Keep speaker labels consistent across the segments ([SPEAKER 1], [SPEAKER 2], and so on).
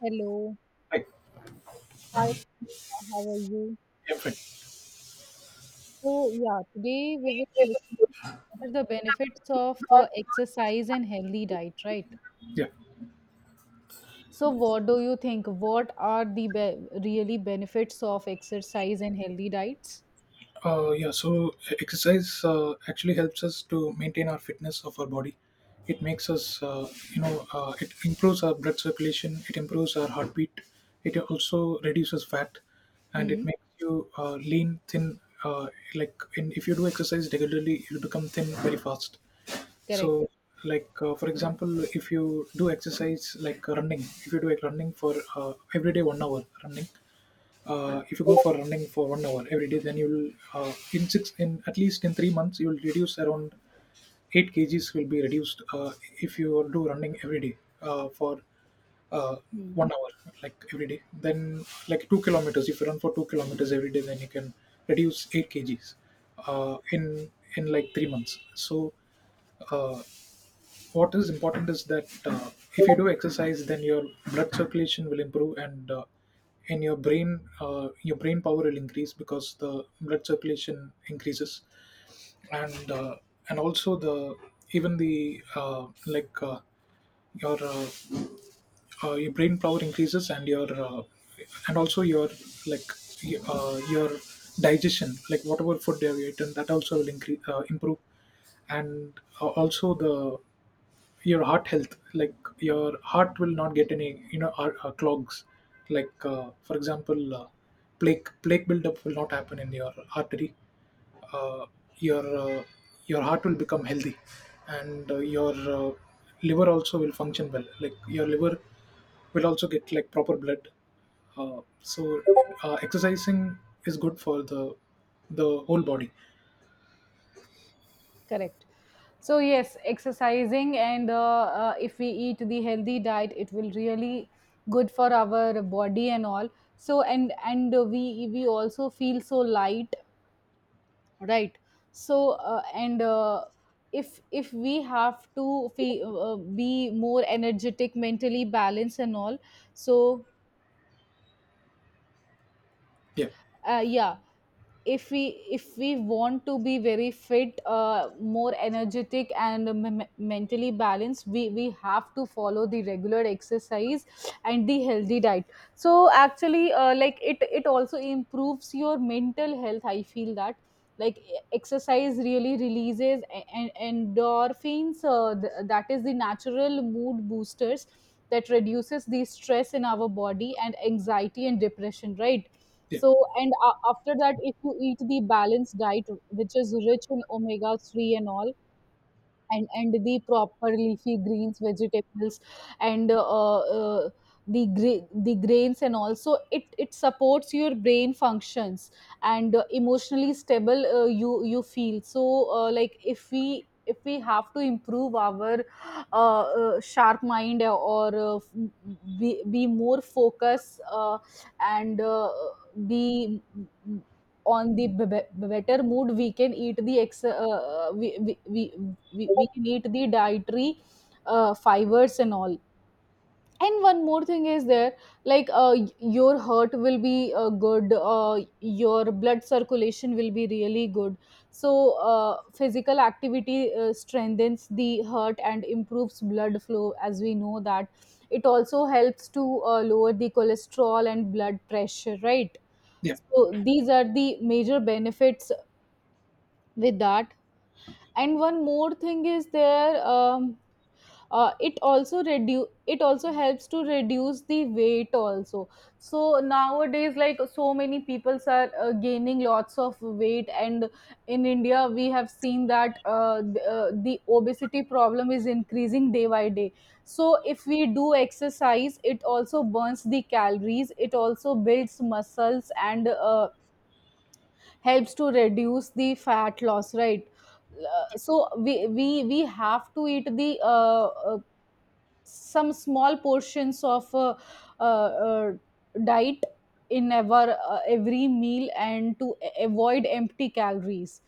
[SPEAKER 1] Hello.
[SPEAKER 2] Right.
[SPEAKER 1] Hi, how are you?
[SPEAKER 2] Yeah, fine.
[SPEAKER 1] So, yeah, today we will look at the benefits of exercise and healthy diet, right?
[SPEAKER 2] Yeah.
[SPEAKER 1] So, what do you think? What are the be really benefits of exercise and healthy diets?
[SPEAKER 2] Yeah. So exercise actually helps us to maintain our fitness of our body. It makes us, you know, it improves our blood circulation. It improves our heartbeat. It also reduces fat, and
[SPEAKER 1] Hmm,
[SPEAKER 2] it makes you lean, thin. Like in, if you do exercise regularly, you become thin very fast.
[SPEAKER 1] correct.
[SPEAKER 2] So, like for example, if you do exercise like running, if you do like running for every day 1 hour running, if you go for running for 1 hour every day, then you'll in six in at least in 3 months you'll reduce around 8 kgs will be reduced, if you do running every day for uh,
[SPEAKER 1] Hmm,
[SPEAKER 2] 1 hour like every day. Then like 2 kilometers if you run for 2 kilometers every day, then you can reduce 8 kgs uh, in in like 3 months. So uh, what is important is that if you do exercise then your blood circulation will improve, and your brain power will increase, because the blood circulation increases, and and also the even the your your brain power increases, and your and also your, like, your digestion, like whatever food you have eaten that also will increase, improve. And also the your heart health, like your heart will not get any clogs, like for example, plaque buildup will not happen in your artery, uh, your uh, your heart will become healthy, and your liver also will function well, like your liver will also get like proper blood. So exercising is good for the whole body.
[SPEAKER 1] correct. So, yes, exercising and if we eat the healthy diet, it will really good for our body and all. So, and we also feel so light, right? So and if we have to be more energetic, mentally balanced and all, so
[SPEAKER 2] Yeah,
[SPEAKER 1] yeah, if we want to be very fit, more energetic and mentally balanced, we have to follow the regular exercise and the healthy diet. So actually, like it also improves your mental health, I feel that, like exercise really releases endorphins, that is the natural mood boosters that reduces the stress in our body and anxiety and depression, right?
[SPEAKER 2] yeah,
[SPEAKER 1] So, and a after that, if you eat the balanced diet, which is rich in omega 3 and all, and the proper leafy greens, vegetables, and the the grains, and also it supports your brain functions and emotionally stable, you feel. So like if we have to improve our sharp mind, or be more focused, and be on the better mood, we can eat the we need the dietary fibers and all. And one more thing is there, like your heart will be good, your blood circulation will be really good. So physical activity strengthens the heart and improves blood flow, as we know that it also helps to lower the cholesterol and blood pressure, right?
[SPEAKER 2] yeah,
[SPEAKER 1] So these are the major benefits, with that. And one more thing is there, it also reduce it also helps to reduce the weight also. So nowadays, like so many people are gaining lots of weight, and in India we have seen that the obesity problem is increasing day by day. So if we do exercise, it also burns the calories, it also builds muscles, and helps to reduce the fat loss, right? So we we have to eat the some small portions of uh, uh, diet in our every meal, and to avoid empty calories.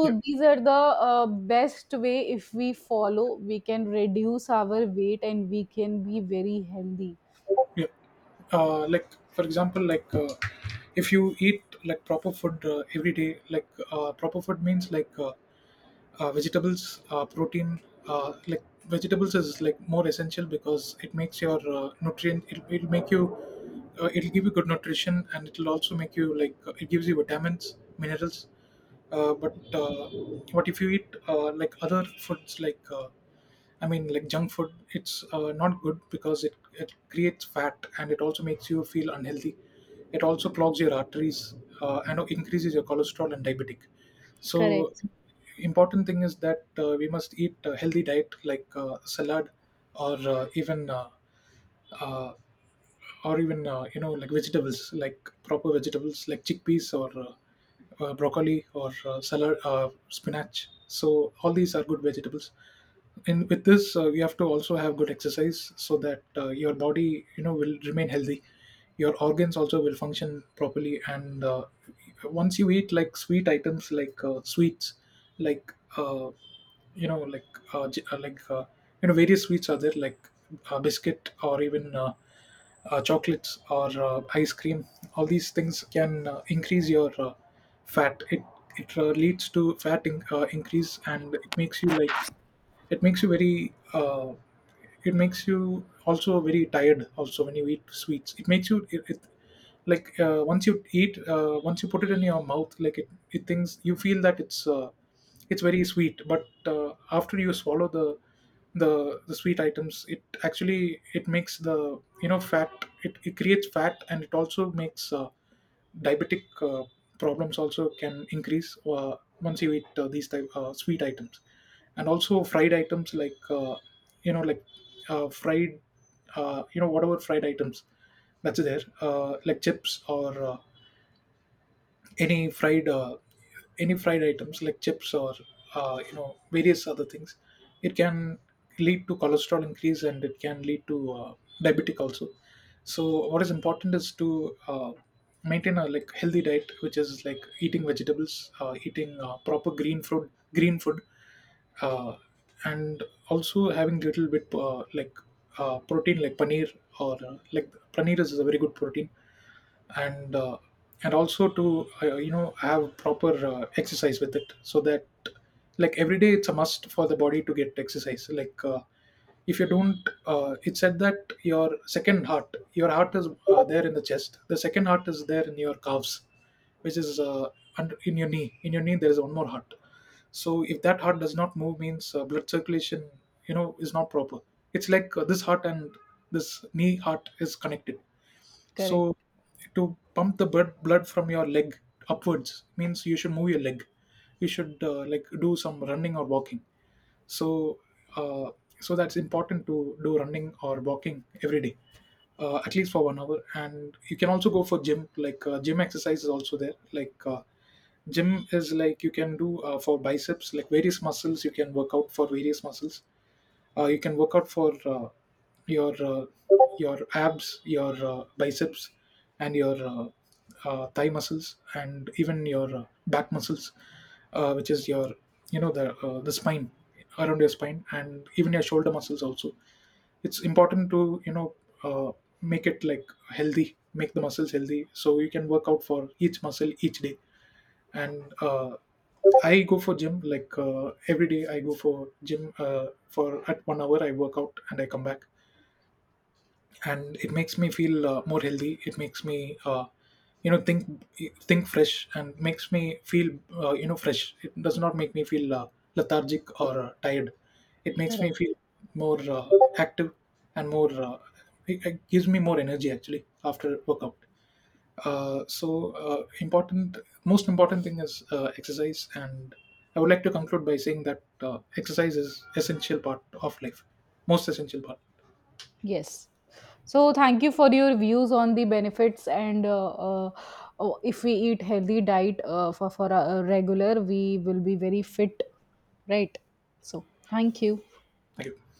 [SPEAKER 2] yeah,
[SPEAKER 1] these are the best way, if we follow, we can reduce our weight and we can be very healthy.
[SPEAKER 2] yeah. Like, for example, like if you eat like proper food every day, like proper food means like vegetables, protein, like vegetables is like more essential because it makes your nutrient, it'll make you it'll give you good nutrition, and it'll also make you, like, it gives you vitamins, minerals, uh, but uh, but if you eat like other foods, like, I mean like junk food, it's not good because it creates fat, and it also makes you feel unhealthy. It also clogs your arteries, and increases your cholesterol and diabetic. So
[SPEAKER 1] Correct,
[SPEAKER 2] important thing is that we must eat a healthy diet, like salad, or uh, even, you know, like vegetables, like proper vegetables like chickpeas, or broccoli, or salad, spinach. So all these are good vegetables. And with this, you have to also have good exercise, so that your body will remain healthy, your organs also will function properly. And once you eat like sweet items, like sweets, like you know like uh, j- uh, like uh, various sweets are there, like biscuit, or even chocolates, or ice cream. All these things can increase your fat. It leads to fat in-, increase, and it makes you, like, it makes you very, it makes you also very tired also, when you eat sweets it makes you, it like, once you eat once you put it in your mouth, like it thinks, you feel that it's very sweet. But after you swallow the the sweet items, it actually it makes the fat. It creates fat, and it also makes diabetic problems also can increase, once you eat these type sweet items. And also fried items, like you know like fried, whatever fried items that's there, like chips, or any fried uh, any fried items like chips, or various other things, it can lead to cholesterol increase, and it can lead to diabetic also. So what is important is to maintain a, like, healthy diet, which is like eating vegetables, eating proper green fruit, green food, uh, and also having little bit protein, like paneer, or like paneer is a very good protein. And and also to you know, have proper exercise with it, so that like every day it's a must for the body to get exercise, like if you don't, it said that your second heart, your heart is there in the chest, the second heart is there in your calves, which is under, in your knee, in your knee, there is one more heart. So if that heart does not move means, blood circulation is not proper. It's like this heart and this knee heart is connected.
[SPEAKER 1] correct,
[SPEAKER 2] So to pump the blood from your leg upwards, means you should move your leg. You should like do some running or walking. So uh, so that's important to do running or walking every day, at least for 1 hour. And you can also go for gym. Like gym exercise is also there. Like gym is, like, you can do for biceps, like various muscles. You can work out for various muscles, you can work out for your your abs, your biceps, and your thigh muscles, and even your back muscles, which is your the the spine, around your spine, and even your shoulder muscles also. It's important to uh, make it like healthy, make the muscles healthy, so you can work out for each muscle each day. And I go for gym, like every day. I go for gym for at 1 hour. I work out and I come back, and it makes me feel more healthy. It makes me, you know, think think fresh, and makes me feel fresh. It does not make me feel lethargic or tired. It makes me
[SPEAKER 1] correct.
[SPEAKER 2] feel more, active and more. It gives me more energy actually after workout. So important, most important thing is exercise, and I would like to conclude by saying that exercise is essential part of life, most essential part.
[SPEAKER 1] Yes. So thank you for your views on the benefits and uh, oh, if we eat healthy diet for a regular, we will be very fit, right? So thank you.
[SPEAKER 2] Thank you.